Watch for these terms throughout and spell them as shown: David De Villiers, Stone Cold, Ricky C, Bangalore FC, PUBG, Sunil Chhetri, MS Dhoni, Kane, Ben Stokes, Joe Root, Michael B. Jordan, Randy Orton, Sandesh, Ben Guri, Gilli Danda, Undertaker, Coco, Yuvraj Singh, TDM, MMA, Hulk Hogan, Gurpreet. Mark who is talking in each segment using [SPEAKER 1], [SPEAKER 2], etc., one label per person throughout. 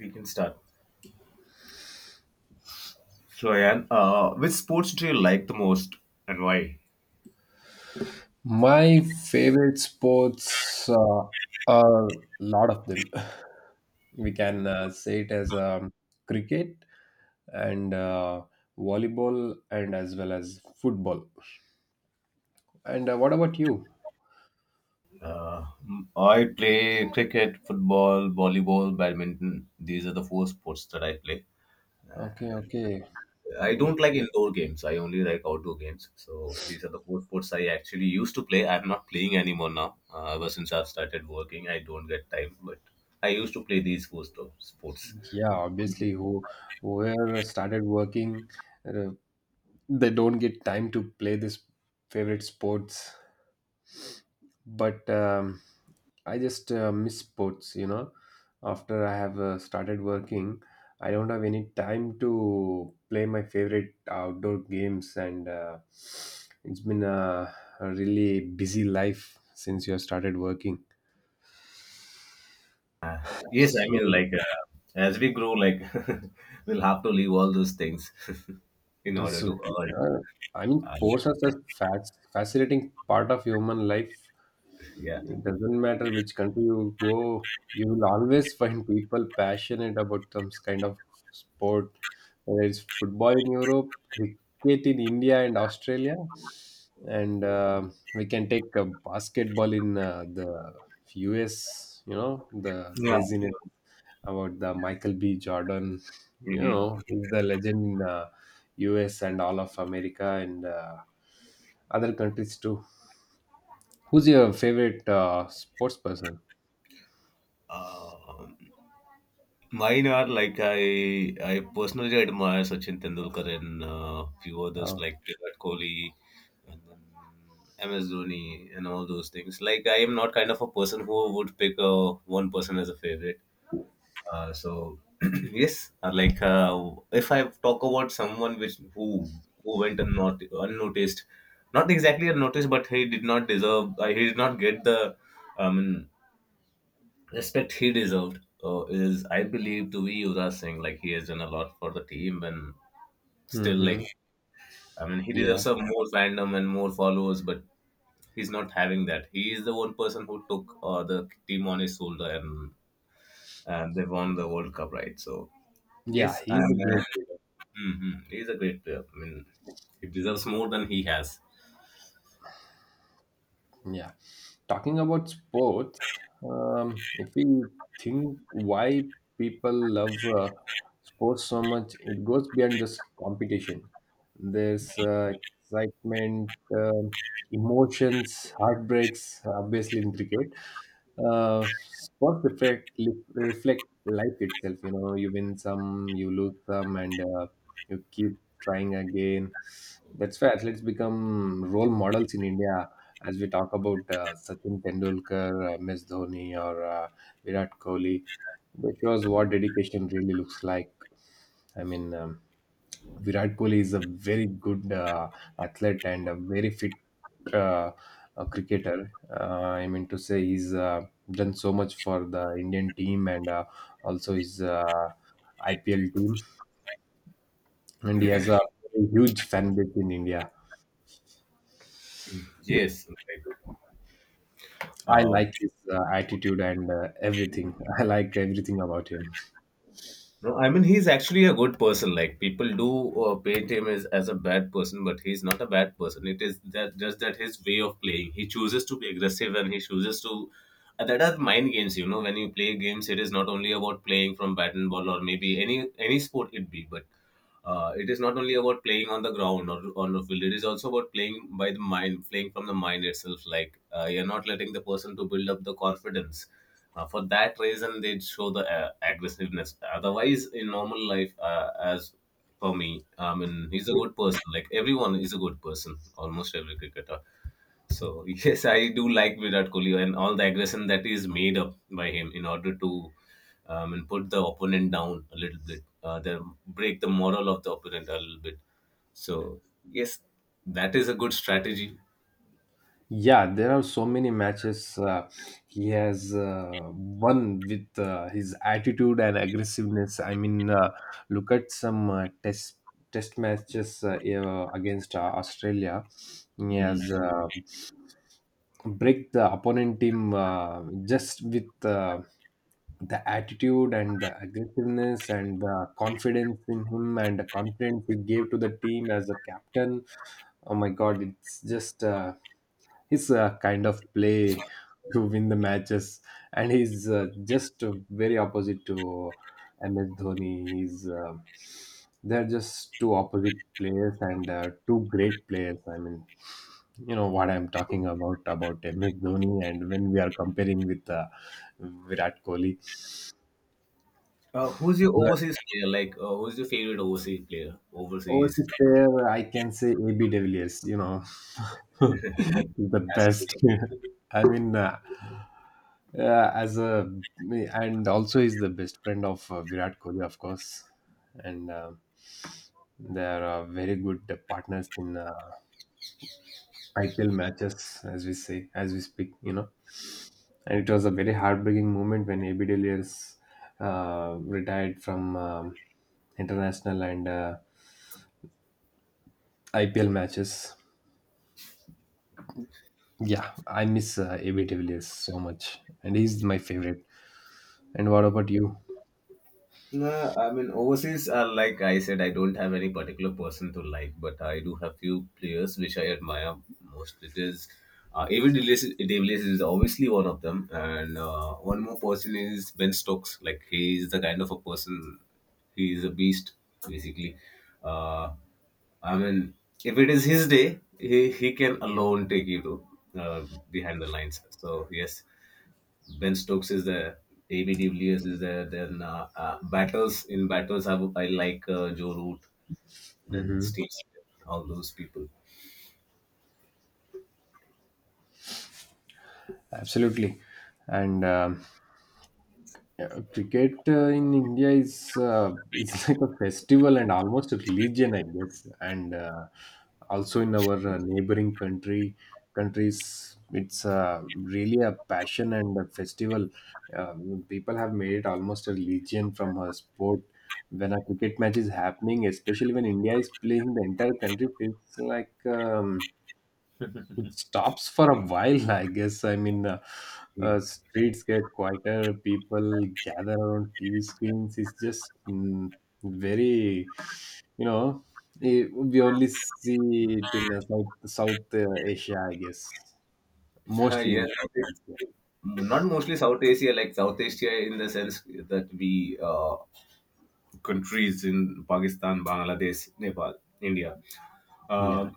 [SPEAKER 1] We can start. So, Ayan, which sports do you like the most and why?
[SPEAKER 2] My favorite sports are a lot of them. We can say it as cricket and volleyball, and as well as football. And what about you?
[SPEAKER 1] I play cricket, football, volleyball, badminton. These are the four sports that I play.
[SPEAKER 2] Okay,
[SPEAKER 1] And
[SPEAKER 2] okay.
[SPEAKER 1] I
[SPEAKER 2] Mm,
[SPEAKER 1] don't like indoor games. I only like outdoor games. So these are the four sports I actually used to play. I'm not playing anymore now. Ever since I've started working, I don't get time. But I used to play these four sports.
[SPEAKER 2] yeah, obviously, whoever started working, uh, they don't get time to play this favorite sports. But I just miss sports. After I have started working, I don't have any time to play my favorite outdoor games, and it's been a really busy life since you have started working.
[SPEAKER 1] Yes, I mean,
[SPEAKER 2] So,
[SPEAKER 1] as we grow, like we'll have to leave all those things in
[SPEAKER 2] that's,
[SPEAKER 1] order
[SPEAKER 2] uh,
[SPEAKER 1] to earn.
[SPEAKER 2] I mean,
[SPEAKER 1] Uh,
[SPEAKER 2] sports are such a fascinating part of human life.
[SPEAKER 1] yeah,
[SPEAKER 2] It doesn't matter which country you go, you will always find people passionate about some kind of sport, whether it's football in Europe, cricket in India and Australia, and we can take basketball in the US. You know the
[SPEAKER 1] yeah.
[SPEAKER 2] craziness about the Michael B. Jordan. You
[SPEAKER 1] Hmm.
[SPEAKER 2] know he's the legend in US and all of America and other countries too. Who's your favorite sports person?
[SPEAKER 1] Um Mine are like I personally admire Sachin Tendulkar and few others
[SPEAKER 2] Oh.
[SPEAKER 1] like Virat Kohli and then MS Dhoni and all those things. Like I am not kind of a person who would pick one person as a favorite. So yes, if I talk about someone which who unnoticed, not exactly unnoticed, but he did not deserve. He did not get the um, respect he deserved. Is, I believe, to be Yuvraj Singh. Like he has done a lot for the team, and still, like,
[SPEAKER 2] Hmm.
[SPEAKER 1] I mean, he
[SPEAKER 2] Yeah.
[SPEAKER 1] deserves some more fandom and more followers, but he's not having that. He is the one person who took the team on his shoulder and they won the World Cup, right? So.
[SPEAKER 2] Yeah,
[SPEAKER 1] Yes,
[SPEAKER 2] he's a
[SPEAKER 1] uh,
[SPEAKER 2] great leader.
[SPEAKER 1] mm-hmm. He's a great player. I mean, he deserves more than he has.
[SPEAKER 2] Yeah. Talking about sports, if we think why people love sports so much, it goes beyond just competition. There's excitement, emotions, heartbreaks, obviously in cricket. Sports reflect life itself. You know, you win some, you lose some, and you keep trying again. That's why athletes become role models in India, as we talk about Sachin Tendulkar, Ms. Dhoni, or Virat Kohli, which shows what dedication really looks like. I mean, Virat Kohli is a very good athlete and a very fit uh, cricketer. I mean to say, he's done so much for the Indian team and also his IPL team, and he has a huge fan base in India.
[SPEAKER 1] Yes,
[SPEAKER 2] I
[SPEAKER 1] uh,
[SPEAKER 2] like his attitude and everything. I like everything about him.
[SPEAKER 1] no, I mean he's actually a good person. Like people do paint him as a bad person, but he's not a bad person. It is that, just that his way of playing. He chooses to be aggressive and he chooses to. That are mind games, you know. When you play games, it is not only about playing from bat and ball or maybe any sport it be, but it is not only about playing on the ground or on the field. It is also about playing by the mind, playing from the mind itself. You're not letting the person to build up the confidence, for that reason they'd show the aggressiveness. Otherwise, in normal life, as for me, I mean, he's a good person, like everyone is a good person, almost every cricketer. So yes, I do like Virat Kohli and all the aggression that is made up by him in order to, and put the opponent down a little bit, then break the moral of the opponent a little bit. So yes, that is a good strategy.
[SPEAKER 2] Yeah, there are so many matches he has won with his attitude and aggressiveness. I mean, look at some test matches against Australia. He
[SPEAKER 1] Mhm.
[SPEAKER 2] has break the opponent team just with the attitude and the aggressiveness and the confidence in him and the confidence he gave to the team as a captain. Oh my God, it's just his kind of play to win the matches, and he's just very opposite to MS Dhoni. He's They're just two opposite players and two great players. I mean, you know what I'm talking about MS Dhoni, and when we are comparing with Virat Kohli,
[SPEAKER 1] Who's your
[SPEAKER 2] so
[SPEAKER 1] overseas player, who's your favorite overseas player? Overseas
[SPEAKER 2] overseas player, I can say AB de Villiers, you know, the
[SPEAKER 1] asking.
[SPEAKER 2] best. I mean, yeah, as a, and also is the best friend of Virat Kohli, of course, and they are very good partners in IPL matches, as we say, as we speak, you know. And it was a very heartbreaking moment when AB de Villiers retired from international and IPL matches. Yeah, I miss AB de Villiers so much, and he's my favorite. And what about you?
[SPEAKER 1] No, I mean overseas. Like I said, I don't have any particular person to like, but I do have few players which I admire most. It is David De Villiers De is obviously one of them, and one more person is Ben Stokes. Like, he is the kind of a person. He is a beast, basically. Uh, I mean, if it is his day, he can alone take you to behind the lines. So yes, Ben Stokes is there. AB de Villiers is there. Then batters, in batters, I would- I like Joe Root, then
[SPEAKER 2] Hmm.
[SPEAKER 1] Steve Smith, all those people.
[SPEAKER 2] Absolutely. And yeah, cricket in India is it's like a festival and almost a religion, I guess. And also in our neighboring country countries, it's really a passion and a festival. Uh, People have made it almost a religion from a sport. When a cricket match is happening, especially when India is playing, the entire country feels like. It stops for a while, I guess. I mean,
[SPEAKER 1] Hmm.
[SPEAKER 2] streets get quieter, people gather around TV screens. It's just very, you know, we only see it in South Asia, I guess, mostly
[SPEAKER 1] Yeah,
[SPEAKER 2] in South Asia.
[SPEAKER 1] not mostly South Asia, like South Asia in the sense that we countries in Pakistan, Bangladesh, Nepal, India.
[SPEAKER 2] Yeah.
[SPEAKER 1] Uh,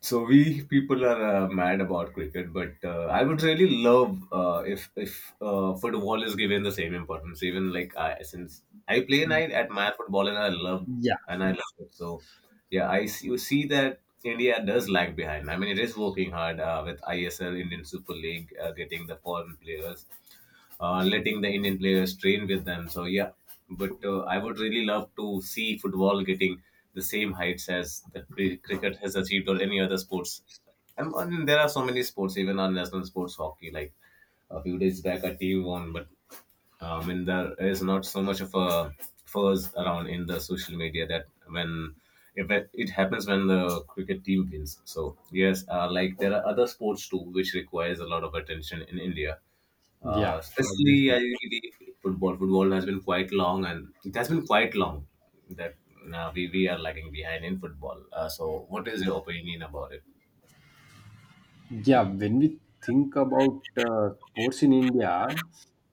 [SPEAKER 1] So we people are mad about cricket, but I would really love if football is given the same importance. Even like I, since I play and I admire football and I love,
[SPEAKER 2] Yeah.
[SPEAKER 1] and I love it. So yeah, I see, you see that India does lag behind. I mean, it is working hard with ISL, Indian Super League, getting the foreign players, letting the Indian players train with them. So yeah, but I would really love to see football getting the same heights as the cricket has achieved, or any other sports. I mean, there are so many sports, even our national sports, hockey. Like a few days back, a team won, but I mean, there is not so much of a fuzz around in the social media that when, if it, it happens when the cricket team wins. So yes, like there are other sports too which requires a lot of attention in India,
[SPEAKER 2] Yeah.
[SPEAKER 1] especially, I
[SPEAKER 2] Obviously.
[SPEAKER 1] really football. Football has been quite long, and it has been quite long that we are lagging behind in football. So, what is your opinion about it?
[SPEAKER 2] Yeah. When we think about sports in India,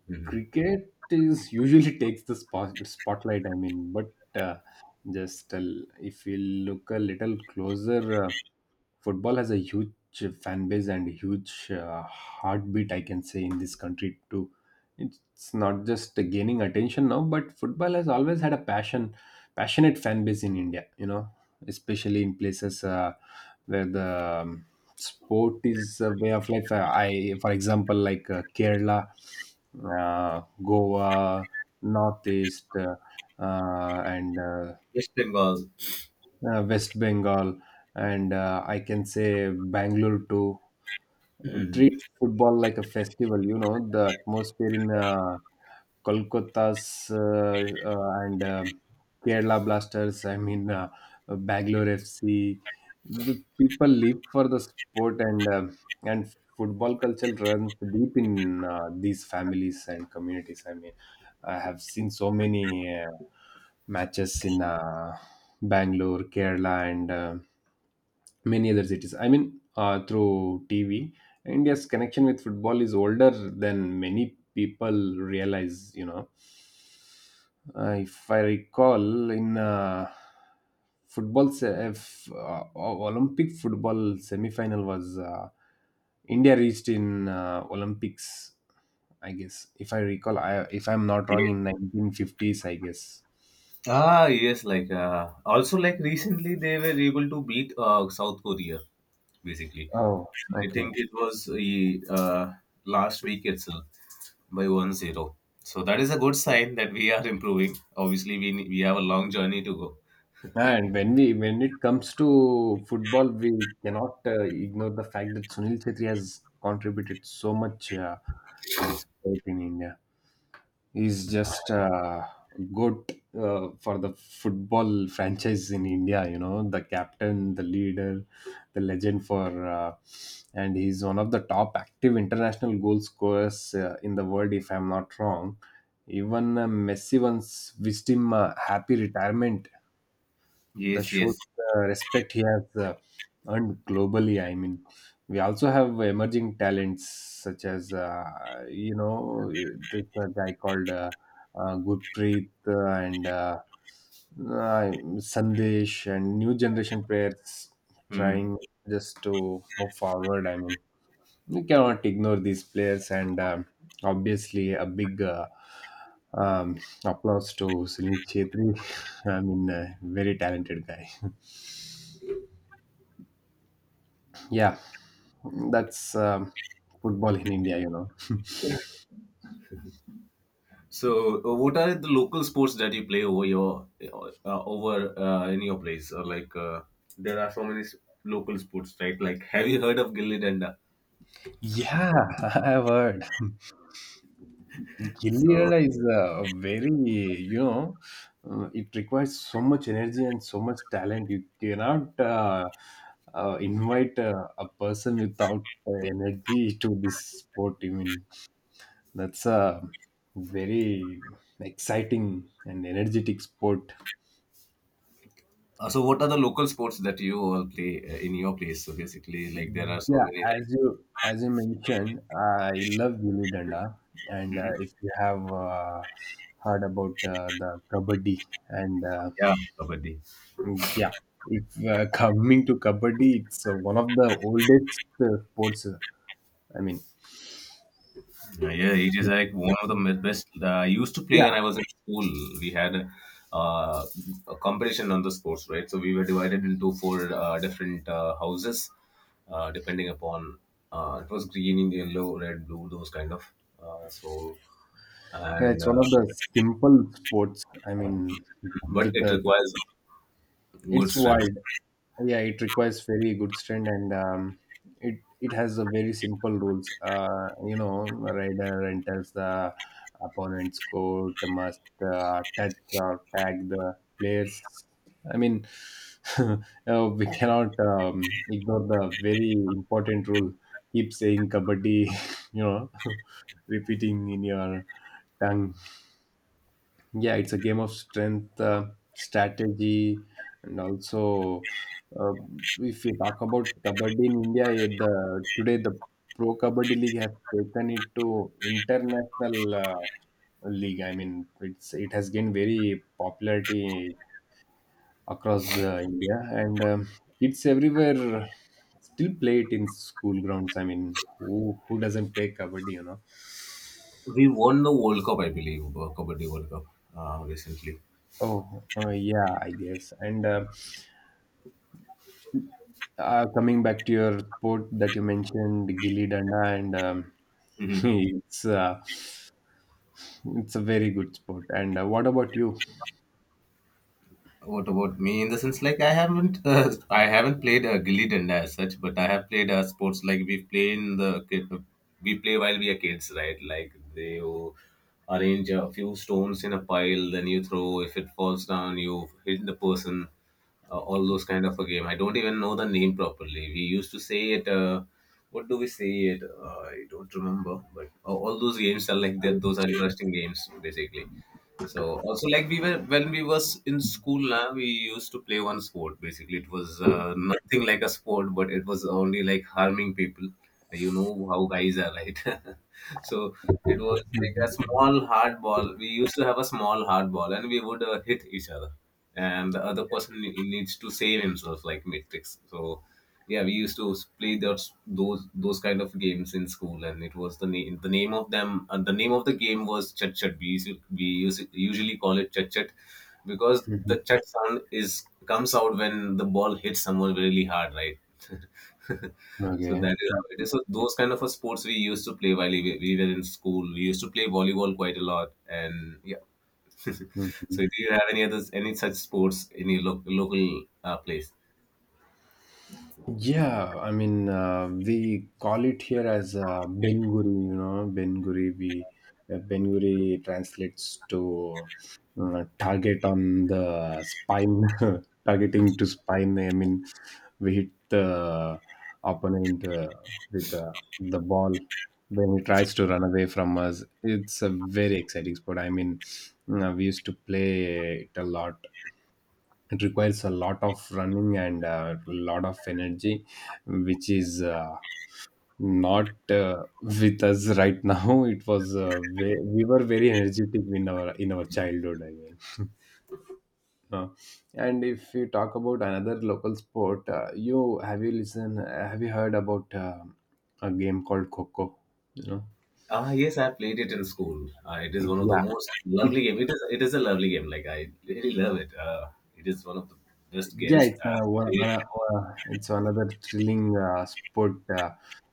[SPEAKER 1] Mhm.
[SPEAKER 2] cricket is usually takes the spotlight, I mean. But uh, just if we look a little closer, football has a huge fan base and huge heartbeat, I can say, in this country too. It's not just gaining attention now, but football has always had a passionate fan base in India, you know, especially in places where the um, sport is a way of life. I, for example, like Kerala, uh, Goa, northeast, and
[SPEAKER 1] Yes, Bengal.
[SPEAKER 2] West Bengal, and I can say Bangalore too.
[SPEAKER 1] Mhm.
[SPEAKER 2] Treat football like a festival. You know the atmosphere in Kolkata's and Kerala Blasters. I mean, Bangalore FC. The people live for the sport, and and football culture runs deep in these families and communities. I mean, I have seen so many. Uh, Matches in Bangalore, Kerala, and many other cities. I mean, through TV, India's connection with football is older than many people realize. You know, if I recall, in football, se- if, Olympic football semi-final was India reached in Olympics. I guess if I recall, if I'm not wrong,
[SPEAKER 1] Yeah.
[SPEAKER 2] in 1950s, I guess.
[SPEAKER 1] Ah, yes. Also, like recently, they were able to beat South Korea. Basically,
[SPEAKER 2] Oh,
[SPEAKER 1] I
[SPEAKER 2] okay.
[SPEAKER 1] think it was uh, last week itself by 1-0. So that is a good sign that we are improving. Obviously, we have a long journey to go.
[SPEAKER 2] Yeah, and when we when it comes to football, we cannot ignore the fact that Sunil Chhetri has contributed so much to this sport in India. He's just good for the football franchise in India. You know, the captain, the leader, the legend for, and he's one of the top active international goal scorers in the world, if I'm not wrong. Even Messi once wished him a happy retirement, the
[SPEAKER 1] Yes,
[SPEAKER 2] show
[SPEAKER 1] yes.
[SPEAKER 2] respect he has earned globally. I mean, we also have emerging talents such as you know, this guy called Gurpreet and uh, Sandesh, and new generation players
[SPEAKER 1] Mhm.
[SPEAKER 2] trying just to move forward. I mean, we cannot ignore these players, and obviously a big. Applause to Sunil Chetri. I mean, a very talented guy. Yeah, that's football in India, you know.
[SPEAKER 1] So, what are the local sports that you play over your, over in your place? Or like, there are so many local sports, right? Like, have you heard of gilli danda?
[SPEAKER 2] Yeah, I've heard. Gilli
[SPEAKER 1] So,
[SPEAKER 2] Danda is a very, you know, it requires so much energy and so much talent. You cannot invite a person without energy to this sport. I mean, that's a very exciting and energetic sport.
[SPEAKER 1] so what are the local sports that you all play in your place? So basically, like, there are so
[SPEAKER 2] Yeah,
[SPEAKER 1] many. Right?
[SPEAKER 2] as you mentioned, I love Gilli Danda, and
[SPEAKER 1] Mhm.
[SPEAKER 2] if you have heard about the Kabaddi, and
[SPEAKER 1] Yeah, kabaddi.
[SPEAKER 2] yeah, if coming to Kabaddi, it's one of the oldest sports. I mean,
[SPEAKER 1] Yeah, it is like one of the best. I used to play when I
[SPEAKER 2] yeah,
[SPEAKER 1] was in school. We had uh, a competition on the sports, right? So we were divided into four different houses, depending upon, it was green, yellow, red, blue, those kind of. So and
[SPEAKER 2] it's one of the simple sports. I mean,
[SPEAKER 1] But
[SPEAKER 2] with
[SPEAKER 1] it requires good
[SPEAKER 2] it's
[SPEAKER 1] strength.
[SPEAKER 2] wild. Yeah, it requires very good strength, and it has a very simple rules. You know, rider enters the opponent's court, must touch or tag the players. I mean, uh, we cannot ignore the very important rule: keep saying kabaddi, you know, repeating in your tongue. Yeah, it's a game of strength, strategy, and also uh, if we talk about kabaddi in India, the today the Pro Kabaddi League has taken it to international uh, league. I mean, it has gained very popularity across the India, and kids everywhere still play it in school grounds. I mean, who who doesn't play kabaddi, you know?
[SPEAKER 1] We won the World Cup, I believe, Kabaddi World Cup recently.
[SPEAKER 2] Oh, yeah, I guess. And coming back to your sport that you mentioned, Gilly Danda, and it's uh, it's a very good sport. And what about you?
[SPEAKER 1] What about me? In the sense, like, I haven't, I haven't played gilly danda as such, but I have played sports like we play in the kid, we play while we are kids, right? Like they will arrange a few stones in a pile, then you throw. If it falls down, you hit the person. All those kind of a game. I don't even know the name properly. We used to say it. What do we say it? I don't remember. But all those games are like that. Those are interesting games, basically. So also, like, we were when we was in school now, we used to play one sport. Basically, it was nothing like a sport, but it was only like harming people. You know how guys are, right? So it was like a
[SPEAKER 2] Mhm.
[SPEAKER 1] small hard ball. We used to have a small hard ball and we would hit each other, and the other person needs to save himself, like Matrix. So yeah, we used to play those kind of games in school. And it was the name, the name of them and the name of the game was chat chat. We used usually call it chat chat, because
[SPEAKER 2] Mhm.
[SPEAKER 1] the chat sound is, comes out when the ball hits someone really hard, right? So
[SPEAKER 2] Okay.
[SPEAKER 1] that is how it is. So those kind of a sports we used to play while we were in school. We used to play volleyball quite a lot, and yeah. So
[SPEAKER 2] Mhm.
[SPEAKER 1] do you have any others, any such sports in your local place?
[SPEAKER 2] Yeah, I mean, we call it here as Ben Guri, you know, Ben Guri. We Ben Guri translates to target on the spine, targeting to spine. I mean, we hit the opponent with the ball when he tries to run away from us. It's a very exciting sport. I mean, we used to play it a lot. It requires a lot of running and a lot of energy, which is not with us right now. It was we were very energetic in our childhood, I mean. Uh, and if you talk about another local sport, you have you listened have you heard about a game called Coco, you know?
[SPEAKER 1] Ah, yes, I played it in school. It is one of the
[SPEAKER 2] yeah
[SPEAKER 1] most
[SPEAKER 2] it
[SPEAKER 1] lovely game. It is a lovely game. Like, I really love it. It is one of the best
[SPEAKER 2] Yeah,
[SPEAKER 1] games.
[SPEAKER 2] it's an,
[SPEAKER 1] It,
[SPEAKER 2] it's another thrilling sport. Uh,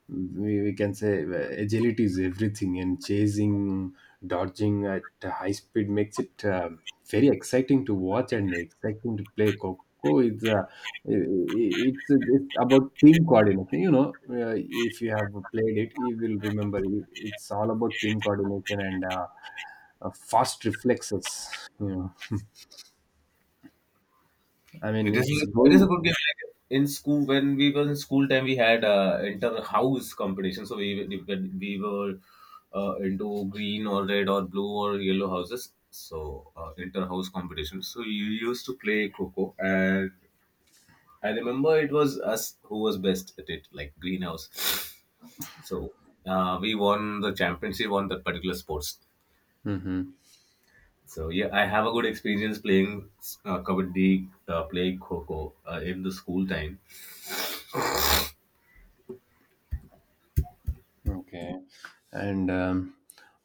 [SPEAKER 2] we, We can say agility is everything, and chasing, dodging at high speed makes it very exciting to watch and exciting to play. Coco is it's about team coordination. You know, if you have played it, you will remember. It's all about team coordination and fast reflexes. You know, I mean,
[SPEAKER 1] it is,
[SPEAKER 2] it's
[SPEAKER 1] it is
[SPEAKER 2] going.
[SPEAKER 1] a good game. Like, in school, when we were in school time, we had inter house competition. So we were into green or red or blue or yellow houses. So inter house competition. So you used to play Coco, and I remember it was us who was best at it, like greenhouse. So we won the championship on that particular sports.
[SPEAKER 2] Mhm.
[SPEAKER 1] So yeah, I have a good experience playing kabaddi, playing kho in the school time.
[SPEAKER 2] Okay. And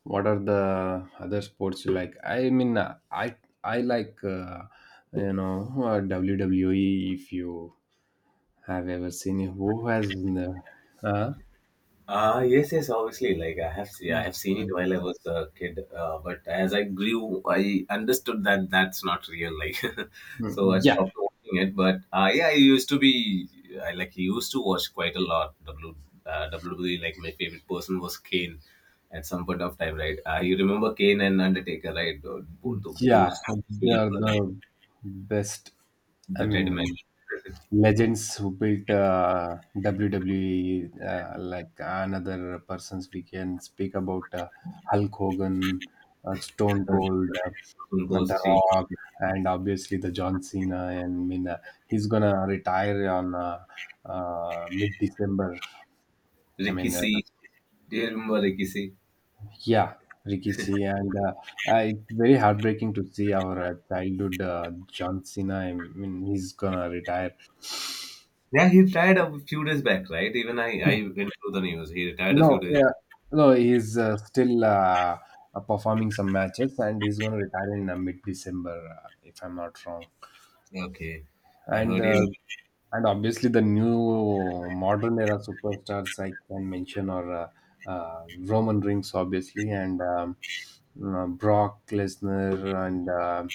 [SPEAKER 2] what are the other sports you like? I mean, I like you know WWE. If you have ever seen it, who has the, uh,
[SPEAKER 1] Yes, yes, obviously. Like I have, see, I have seen it while I was a kid. But as I grew, I understood that that's not real. Like, so I
[SPEAKER 2] yeah,
[SPEAKER 1] stopped watching it. But yeah, I used to be, I like used to watch quite a lot. WWE. Like, my favorite person was Kane. At some point of time, right? You remember Kane and Undertaker, right?
[SPEAKER 2] yeah,
[SPEAKER 1] Those
[SPEAKER 2] they
[SPEAKER 1] Miller
[SPEAKER 2] are
[SPEAKER 1] brothers,
[SPEAKER 2] the best. I
[SPEAKER 1] the Dead Men,
[SPEAKER 2] mean, legends who built WWE. Like another persons, we can speak about Hulk Hogan, Stone Cold,
[SPEAKER 1] Stone
[SPEAKER 2] and
[SPEAKER 1] Cold
[SPEAKER 2] The
[SPEAKER 1] Steve,
[SPEAKER 2] Rock, and obviously the John Cena. And I mean, he's gonna retire on mid December. I
[SPEAKER 1] Ricky
[SPEAKER 2] mean,
[SPEAKER 1] C. Do you remember Ricky C?
[SPEAKER 2] yeah, Ricky C. And it's very heartbreaking to see our childhood John Cena. I mean, he's gonna retire.
[SPEAKER 1] Yeah, he retired a few days back, right? Even I went through the news. He retired a few
[SPEAKER 2] No,
[SPEAKER 1] days back.
[SPEAKER 2] yeah, no, he's still performing some matches, and he's gonna retire in mid December, if I'm not wrong.
[SPEAKER 1] Yeah, okay, I
[SPEAKER 2] and
[SPEAKER 1] heard
[SPEAKER 2] uh,
[SPEAKER 1] he.
[SPEAKER 2] and obviously the new modern era superstars I can mention are Roman Reigns, obviously, and Brock Lesnar, and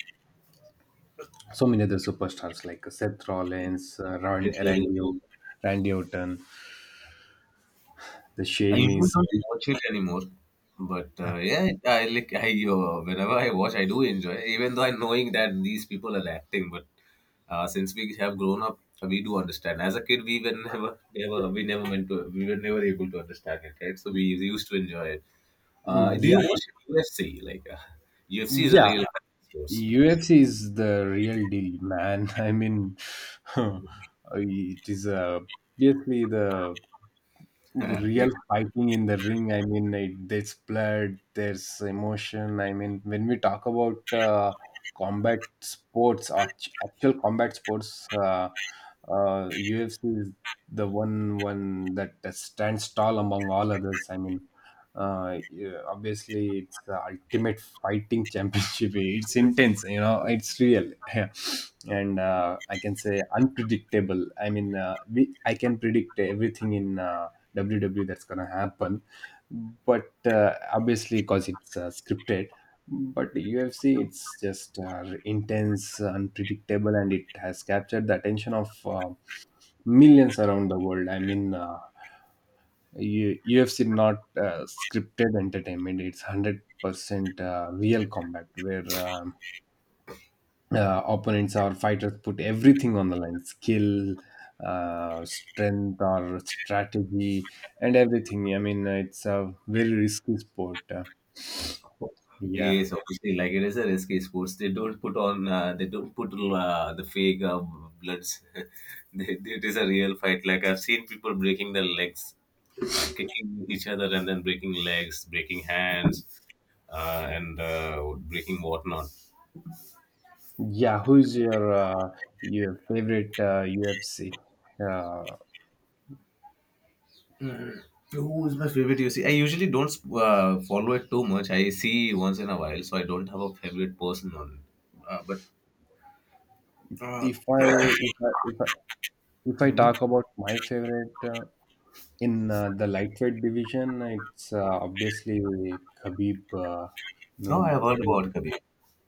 [SPEAKER 2] so many other superstars like Seth Rollins, Randy Orton, the
[SPEAKER 1] I usually
[SPEAKER 2] Sheamus.
[SPEAKER 1] don't watch it anymore, but yeah, I like I whenever I watch, I do enjoy. Even though I knowing that these people are acting, but since we have grown up, we do understand. As a kid, we were never, never, we never meant to, we were never able to understand it, right? So we used to enjoy it. Do
[SPEAKER 2] Yeah,
[SPEAKER 1] you watch UFC? Like UFC is a
[SPEAKER 2] yeah.
[SPEAKER 1] real source.
[SPEAKER 2] UFC is the real deal, man. I mean, it is obviously the real fighting in the ring. I mean, there's blood, there's emotion. I mean, when we talk about combat sports, actual combat sports, UFC is the one that stands tall among all others. I mean, yeah, obviously it's the ultimate fighting championship. It's intense, it's real. And I can say unpredictable. I mean, I can predict everything in WWE that's gonna happen. But obviously, because it's scripted. But UFC, it's just intense, unpredictable, and it has captured the attention of millions around the world. I mean, UFC not scripted entertainment; it's 100% real combat where. Opponents or fighters put everything on the line, skill, strength, or strategy, and everything. I mean, it's a very risky sport, yeah.
[SPEAKER 1] Yes, obviously, like it is a risky sports. They don't put on, they don't put the fake bloods. It is a real fight. Like I've seen people breaking their legs, kicking each other, and then breaking legs, breaking hands, and breaking whatnot.
[SPEAKER 2] Yeah, who's your favorite UFC? uh,
[SPEAKER 1] Who is my favorite UFC? I usually don't follow it too much. I see once in a while, so I don't have a favorite person on it. But
[SPEAKER 2] if i if i if i, if I talk about my favorite in the lightweight division, it's obviously Khabib,
[SPEAKER 1] Oh,
[SPEAKER 2] Nur-
[SPEAKER 1] I have heard about Khabib.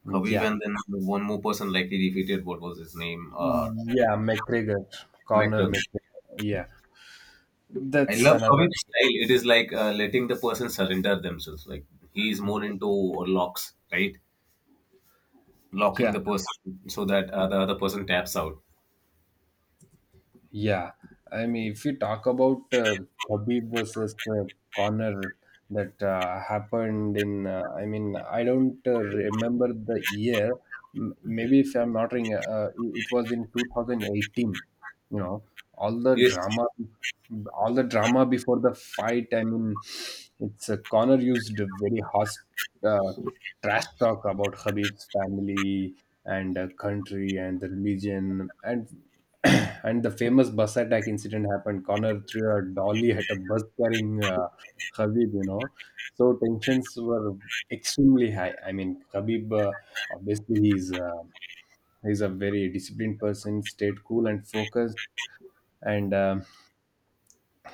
[SPEAKER 1] Khabib,
[SPEAKER 2] yeah.
[SPEAKER 1] and then one more person like he defeated. What was his name?
[SPEAKER 2] Yeah, McGregor, Conor
[SPEAKER 1] McGregor.
[SPEAKER 2] McGregor. Yeah,
[SPEAKER 1] I
[SPEAKER 2] that's
[SPEAKER 1] love
[SPEAKER 2] another.
[SPEAKER 1] Khabib's style. It is like letting the person surrender themselves. Like he is more into locks, right? Locking
[SPEAKER 2] Yeah,
[SPEAKER 1] the person so that the other person taps out.
[SPEAKER 2] yeah, I mean, if you talk about Khabib versus Connor, that happened in, I mean, I don't remember the year. Maybe, if I'm not wrong, it was in 2018. You know, all the
[SPEAKER 1] Yes.
[SPEAKER 2] drama, all the drama before the fight. I mean, it's Connor used a very harsh uh, trash talk about Khabib's family and country and the religion, and and the famous bus attack incident happened. Connor threw a dolly at a bus carrying Khabib. So tensions were extremely high. I mean, Khabib, obviously, he's a very disciplined person, stayed cool and focused. And um,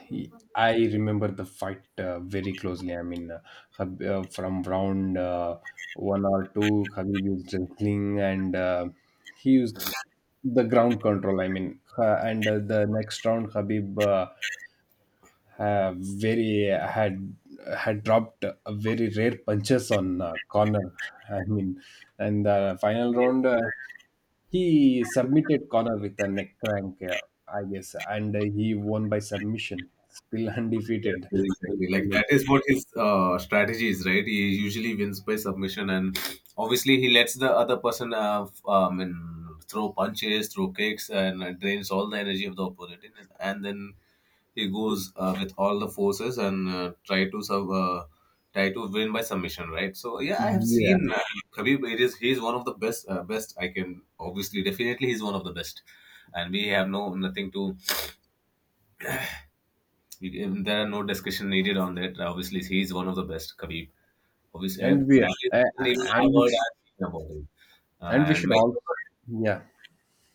[SPEAKER 2] he, I remember the fight very closely. I mean, from round one or two, Khabib was wrestling, and he was the ground control. I mean, and the next round, Habib uh, very had had dropped a very rare punches on Connor. I mean, and the final round, he submitted Connor with a neck crank, I guess, and he won by submission, still
[SPEAKER 1] Yes,
[SPEAKER 2] undefeated.
[SPEAKER 1] yes, exactly. Like that is what his strategy is, right? He usually wins by submission, and obviously he lets the other person and throw punches, throw kicks, and drains all the energy of the opponent, and then he goes with all the forces and try to win by submission, right? So yeah, I have
[SPEAKER 2] Yeah.
[SPEAKER 1] seen Khabib. It is he is one of the best. Best I can, obviously definitely he's one of the best, and we have no nothing to there are no discussion needed on that. Obviously, he is one of the best, Khabib. Obviously,
[SPEAKER 2] and we
[SPEAKER 1] that is
[SPEAKER 2] uh,
[SPEAKER 1] the reason even
[SPEAKER 2] and
[SPEAKER 1] I've
[SPEAKER 2] we
[SPEAKER 1] heard
[SPEAKER 2] sh-
[SPEAKER 1] I've seen about him. Uh,
[SPEAKER 2] and we
[SPEAKER 1] And
[SPEAKER 2] should all,
[SPEAKER 1] McGregor,
[SPEAKER 2] yeah.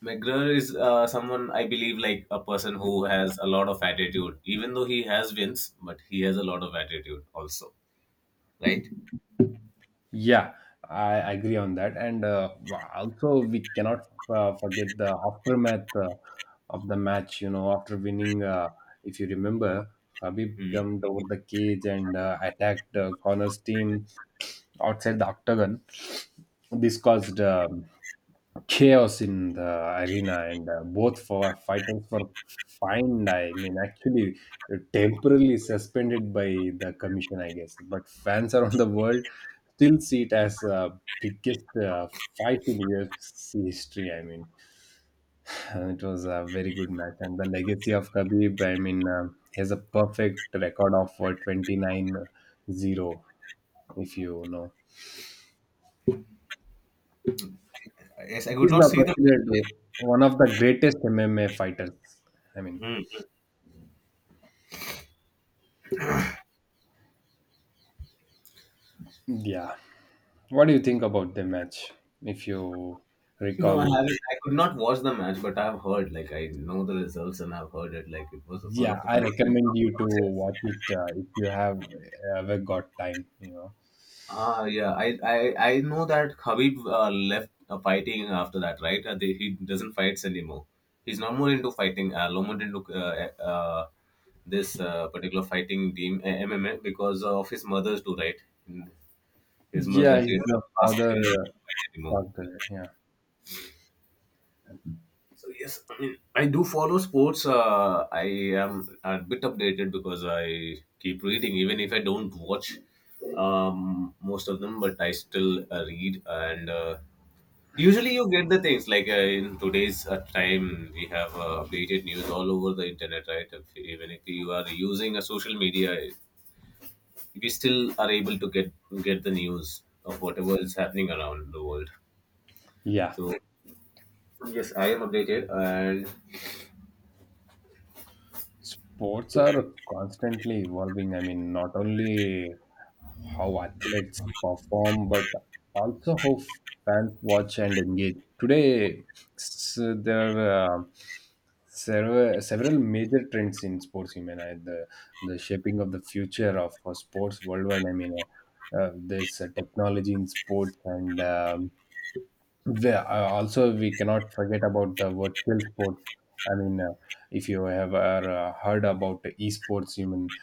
[SPEAKER 1] McGregor is someone I believe like a person who has a lot of attitude. Even though he has wins, but he has a lot of attitude also, right?
[SPEAKER 2] Yeah, I agree on that. And also, we cannot forget the aftermath of the match. You know, after winning, if you remember, Habib
[SPEAKER 1] Hmm.
[SPEAKER 2] jumped over the cage and attacked Connor's team outside the octagon. This caused chaos in the arena, and both for fighters were fined. I mean, actually temporarily suspended by the commission, I guess. But fans around the world still see it as biggest fight in UFC history. I mean, and it was a very good match, and the legacy of Khabib. I mean, he has a perfect record of 29-0. If you know,
[SPEAKER 1] Yes, I could
[SPEAKER 2] he's
[SPEAKER 1] not
[SPEAKER 2] now
[SPEAKER 1] see the.
[SPEAKER 2] considered one of the greatest MMA fighters, I mean.
[SPEAKER 1] Hmm.
[SPEAKER 2] Yeah. What do you think about the match, if you
[SPEAKER 1] No, I
[SPEAKER 2] recall?
[SPEAKER 1] haven't. I could not watch the match, but I've heard. Like I know the results, and I've heard it. Like it was one
[SPEAKER 2] Yeah,
[SPEAKER 1] of the
[SPEAKER 2] I
[SPEAKER 1] finest.
[SPEAKER 2] recommend you to watch it if you have ever got time. You know.
[SPEAKER 1] Ah, yeah. I know that Khabib left fighting after that, right? He doesn't fights anymore. He's not more into fighting. No more into this particular fighting team MMA because of his mother's too, right? His mother
[SPEAKER 2] Yeah,
[SPEAKER 1] did
[SPEAKER 2] he's the
[SPEAKER 1] ask
[SPEAKER 2] father
[SPEAKER 1] him not to fight
[SPEAKER 2] uh,
[SPEAKER 1] anymore.
[SPEAKER 2] doctor. Yeah.
[SPEAKER 1] So yes, I mean I do follow sports. I am a bit updated because I keep reading, even if I don't watch most of them, but I still read and. Usually you get the things like in today's time we have updated news all over the internet, right? Even if you are using a social media, we still are able to get the news of whatever is happening around the world.
[SPEAKER 2] Yeah.
[SPEAKER 1] So yes, I am updated and.
[SPEAKER 2] Sports are constantly evolving. I mean, not only how athletes perform, but also how fans watch and engage. Today, s there are several major trends in sports. You mean the shaping of the future of sports worldwide. I mean, there's technology in sports, and also, we cannot forget about the virtual sports. I mean, if you have ever heard about esports, you mean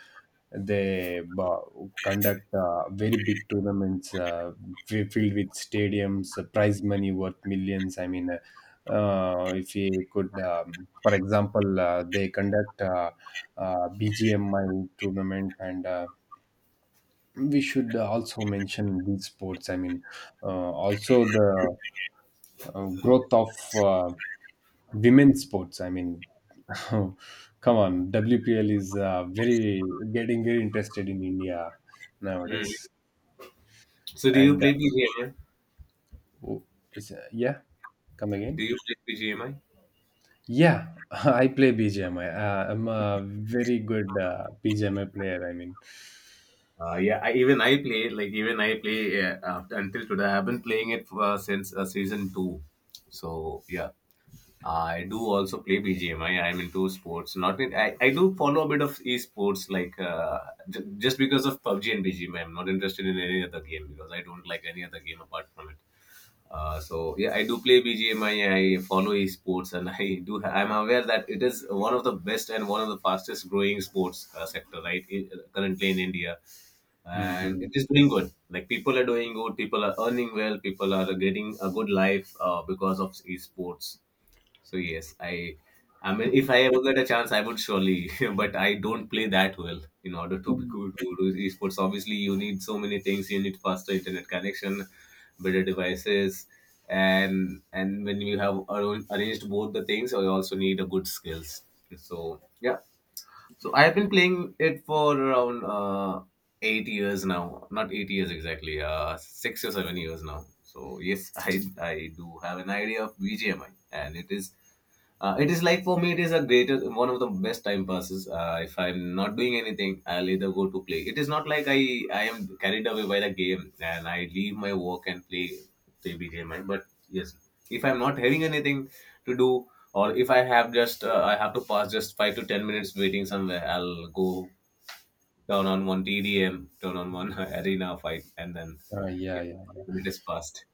[SPEAKER 2] they conduct very big tournaments, filled with stadiums, prize money worth millions. I mean, if you could, for example, they conduct BGMI tournament, and we should also mention these sports. I mean, uh, also the growth of women's sports. I mean, come on, WPL is very getting very interested in India
[SPEAKER 1] Mm.
[SPEAKER 2] nowadays.
[SPEAKER 1] So do you
[SPEAKER 2] and
[SPEAKER 1] play BGMI?
[SPEAKER 2] uh, oh, yeah, come
[SPEAKER 1] Do
[SPEAKER 2] again?
[SPEAKER 1] you play BGMI?
[SPEAKER 2] Yeah, I play BGMI. I'm a very good BGMI player, I mean.
[SPEAKER 1] Yeah, even I play, until today. I have been playing it since season 2, so yeah. I do also play BGMI. I'm into sports. Not in, I do follow a bit of esports, like just because of PUBG and BGMI. I'm not interested in any other game because I don't like any other game apart from it. So yeah, I do play BGMI. I follow esports, and I do. I'm aware that it is one of the best and one of the fastest growing sports sector, right? Currently in India, and
[SPEAKER 2] Hmm.
[SPEAKER 1] it is doing good. Like people are doing good, people are earning well, people are getting a good life because of esports. So yes, I mean if I ever get a chance I would surely but I don't play that well in order to be
[SPEAKER 2] uh,
[SPEAKER 1] good to do esports. Obviously you need so many things, you need faster internet connection, better devices and when you have arranged both the things you also need a good skills. So yeah. So I've been playing it for around 8 years now. Not 8 years exactly, 6 or 7 years now. So yes, I do have an idea of BGMI, and it is like for me, it is a greater one of the best time passes. If I'm not doing anything, I'll either go to play. It is not like I am carried away by the game and I leave my work and play BGMI. But yes, if I'm not having anything to do, or if I have just I have to pass just 5 to 10 minutes waiting somewhere, I'll go turn on one TDM, turn on one arena fight, and then
[SPEAKER 2] yeah,
[SPEAKER 1] yeah,
[SPEAKER 2] yeah, yeah.
[SPEAKER 1] it is passed.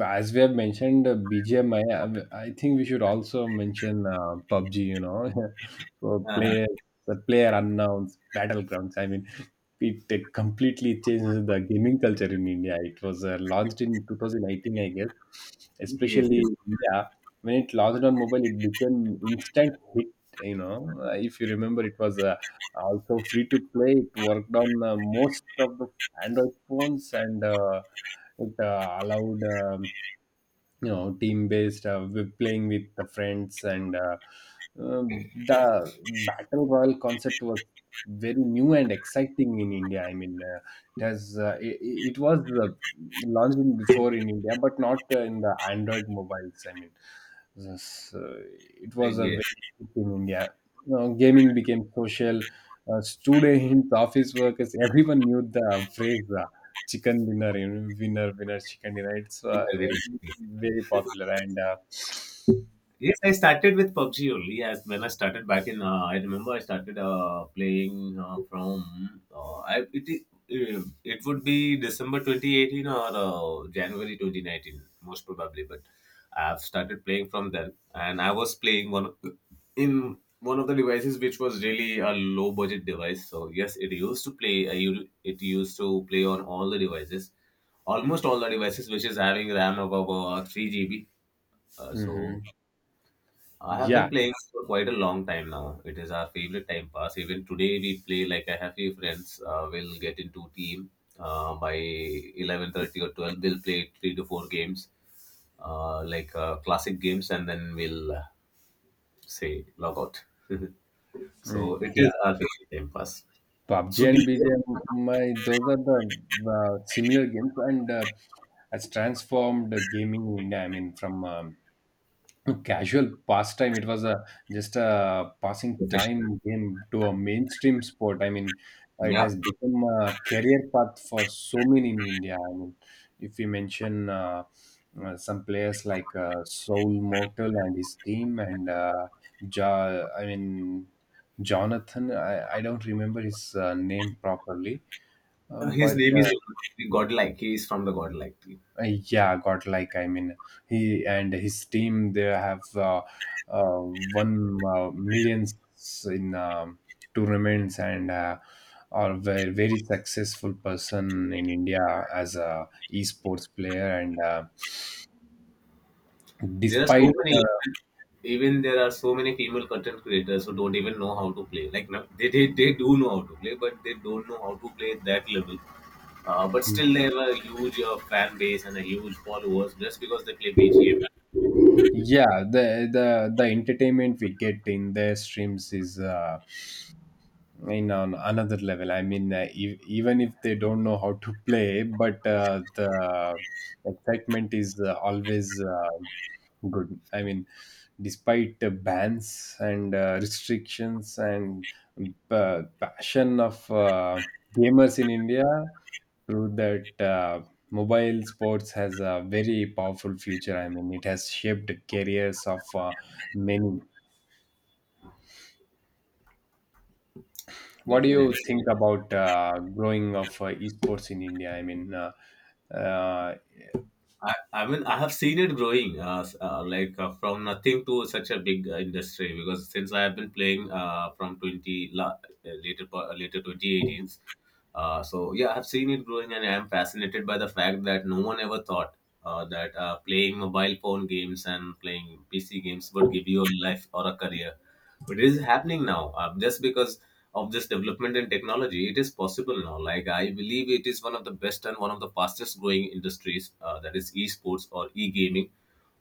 [SPEAKER 2] As we have mentioned BGMI, I think we should also mention PUBG, you know, for
[SPEAKER 1] Uh,
[SPEAKER 2] players, the player unknowns, battlegrounds. I mean, it completely changes the gaming culture in India. It was launched in 2018, I guess,
[SPEAKER 1] yes,
[SPEAKER 2] especially in India. When it launched on mobile, it became instant hit, you know. If you remember, it was also free to play. It worked on most of the Android phones, and it allowed, team based with playing with the friends, and uh, the battle royal concept was very new and exciting in India. I mean, it has uh, it, it was uh, launched in- before in India, but not in the Android mobiles. I mean, this, uh, it was a
[SPEAKER 1] yes,
[SPEAKER 2] very big in India, you know. Gaming became social. Students, office workers, everyone knew the phrase chicken dinner, you know, winner winner chicken dinner. It's
[SPEAKER 1] yes.
[SPEAKER 2] very popular, and
[SPEAKER 1] Yes, I started with PUBG only. As when I started back in, I remember I started playing from it would be December 2018 or January 2019 most probably. But I've started playing from then, and I was playing in one of the devices which was really a low budget device. So yes, it used to play. It used to play on all the devices, almost all the devices which is having RAM of about 3 GB. So
[SPEAKER 2] hmm,
[SPEAKER 1] I have
[SPEAKER 2] yeah,
[SPEAKER 1] been playing for quite a long time now. It is our favorite time pass. Even today we play. Like I have few friends, will get into team by 11:30 or 12. They'll play 3 to 4 games, like classic games, and then we'll say log out. So
[SPEAKER 2] mm,
[SPEAKER 1] it
[SPEAKER 2] yeah.
[SPEAKER 1] is our favorite time pass.
[SPEAKER 2] PUBG
[SPEAKER 1] So do
[SPEAKER 2] and
[SPEAKER 1] you.
[SPEAKER 2] BGMI, those are the similar games, and has transformed the gaming in India. I mean, from casual pastime. It was a just a passing time game to a mainstream sport. I mean, it
[SPEAKER 1] Yeah.
[SPEAKER 2] has become a career path for so many in India. I mean, if we mention some players like Soul Mortal and his team, and I mean Jonathan. I don't remember his name properly,
[SPEAKER 1] His
[SPEAKER 2] but
[SPEAKER 1] name is Godlike. He is from the Godlike.
[SPEAKER 2] uh, yeah, got like, I mean, he and his team, they have won millions in tournaments, and are very very successful person in India as a esports player, and
[SPEAKER 1] There are
[SPEAKER 2] despite
[SPEAKER 1] so
[SPEAKER 2] uh,
[SPEAKER 1] many even, there are so many female content creators who don't even know how to play. Like they do know how to play, but they don't know how to play at that level. But still, they have a huge fan base and a huge followers just because they play BGM.
[SPEAKER 2] yeah, the entertainment we get in their streams is in on another level. I mean, ev even if they don't know how to play, but the excitement is always good. I mean, despite bans and restrictions, and passion of gamers in India, through that, mobile sports has a very powerful future. I mean, it has shaped careers of many. What do
[SPEAKER 1] Definitely.
[SPEAKER 2] you think about growing of esports in India? I mean, uh,
[SPEAKER 1] I mean, I have seen it growing, like from nothing to such a big industry. Because since I have been playing from 20 later 2018s, so yeah, I have seen it growing, and I am fascinated by the fact that no one ever thought that playing mobile phone games and playing PC games would give you a life or a career. But it is happening now, just because of this development in technology. It is possible now, like I believe it is one of the best and one of the fastest growing industries, that is esports or e-gaming,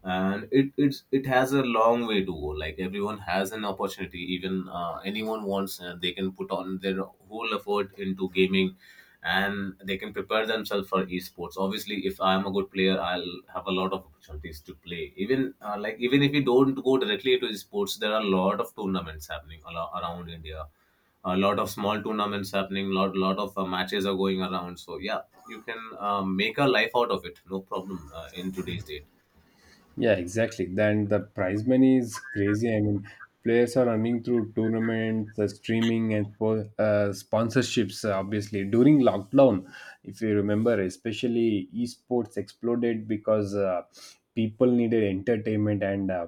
[SPEAKER 1] and it has a long way to go. Like everyone has an opportunity. Even anyone wants, they can put on their whole effort into gaming, and they can prepare themselves for esports. Obviously, if I am a good player, I'll have a lot of opportunities to play. Even like even if you don't go directly to esports, there are a lot of tournaments happening a around India, a lot of small tournaments happening, lot of matches are going around, so yeah, you can make a life out of it, no problem, in today's date.
[SPEAKER 2] yeah, exactly. Then the prize money is crazy. I mean, players are running through tournaments, the streaming, and sponsorships. Obviously, during lockdown, if you remember, especially esports exploded because people needed entertainment and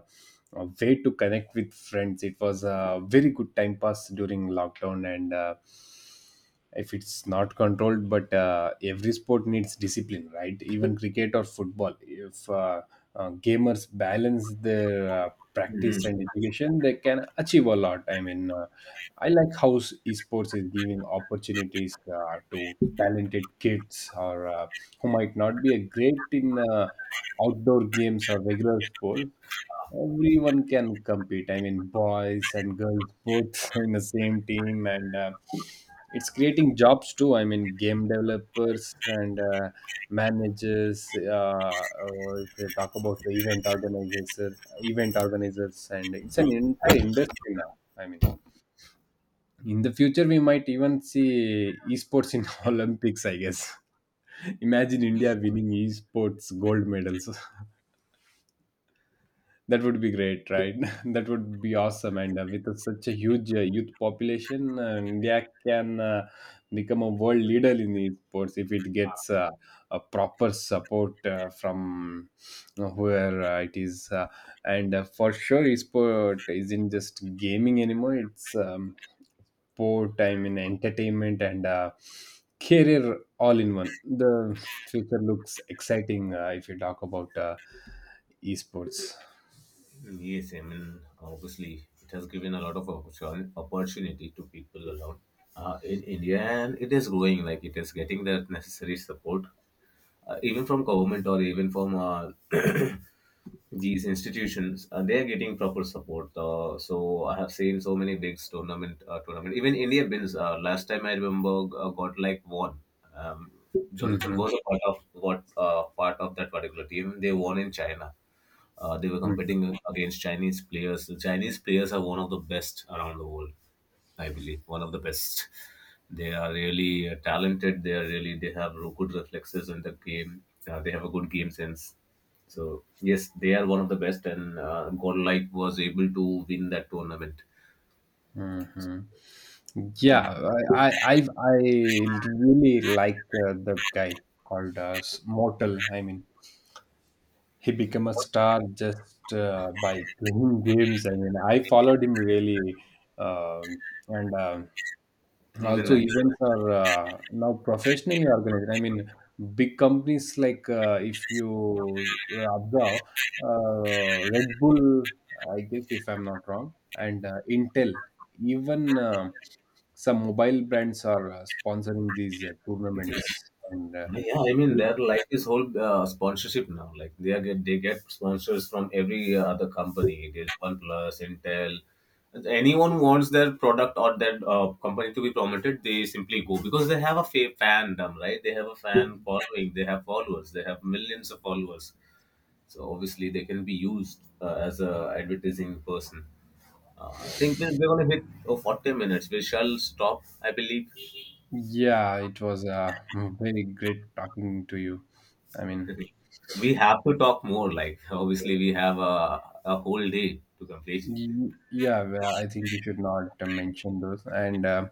[SPEAKER 2] a way to connect with friends. It was a very good time pass during lockdown, and if it's not controlled, but every sport needs discipline, right? Even cricket or football, if gamers balance their
[SPEAKER 1] Mhm.
[SPEAKER 2] practice and education, they can achieve a lot, I mean I like how esports is giving opportunities to talented kids or who might not be a great in outdoor games or regular sports. Everyone can compete, I mean, boys and girls both in the same team, and it's creating jobs too. I mean, game developers and managers, or if you talk about the event organizers, and it's an entire industry now. I mean, in the future we might even see esports in Olympics, I guess. Imagine India winning esports gold medals. That would be great, right? That would be awesome. And with such a huge youth population, India can become a world leader in esports if it gets a proper support from where it is. And for sure, esport isn't just gaming anymore. It's sport, I mean, entertainment and career, all in one. The future looks exciting if you talk about esports.
[SPEAKER 1] Yes, I mean, obviously it has given a lot of opportunity to people around, in India, and it is growing. Like it is getting that necessary support, even from government or even from these institutions. They are getting proper support, so I have seen so many big tournament. Even India wins. Last time I remember, got like one. um, Jonathan
[SPEAKER 2] Mhm,
[SPEAKER 1] was a part of what part of that particular team. They won in China. They were
[SPEAKER 2] mhm,
[SPEAKER 1] competing against Chinese players. The Chinese players are one of the best around the world, I believe. One of the best. They are really talented. They are really they have good reflexes in the game. They have a good game sense. So yes, they are one of the best, and Godlike was able to win that tournament.
[SPEAKER 2] mhm.
[SPEAKER 1] Yeah,
[SPEAKER 2] Yeah, I really like the guy called Mortal. I mean, he became a star just by playing games. I mean, I followed him really, um and
[SPEAKER 1] even
[SPEAKER 2] also,
[SPEAKER 1] I.
[SPEAKER 2] events are now professionally organized. I mean, big companies like, if you observe, Red Bull, I guess if I'm not wrong, and Intel, even some mobile brands are sponsoring these tournaments. And
[SPEAKER 1] Yeah, I mean they're like this whole sponsorship now. Like they get sponsors from every other company. There's OnePlus, Intel. Anyone who wants their product or their company to be promoted, they simply go because they have a fandom, right? They have a fan following. They have followers. They have millions of followers. So obviously they can be used as a advertising person. I think we're gonna hit 40 minutes. We shall stop, I believe.
[SPEAKER 2] yeah, it was very great talking to you. I mean,
[SPEAKER 1] We have to talk more, like obviously we have a whole day to complete
[SPEAKER 2] yeah, well, I think we should not mention those and.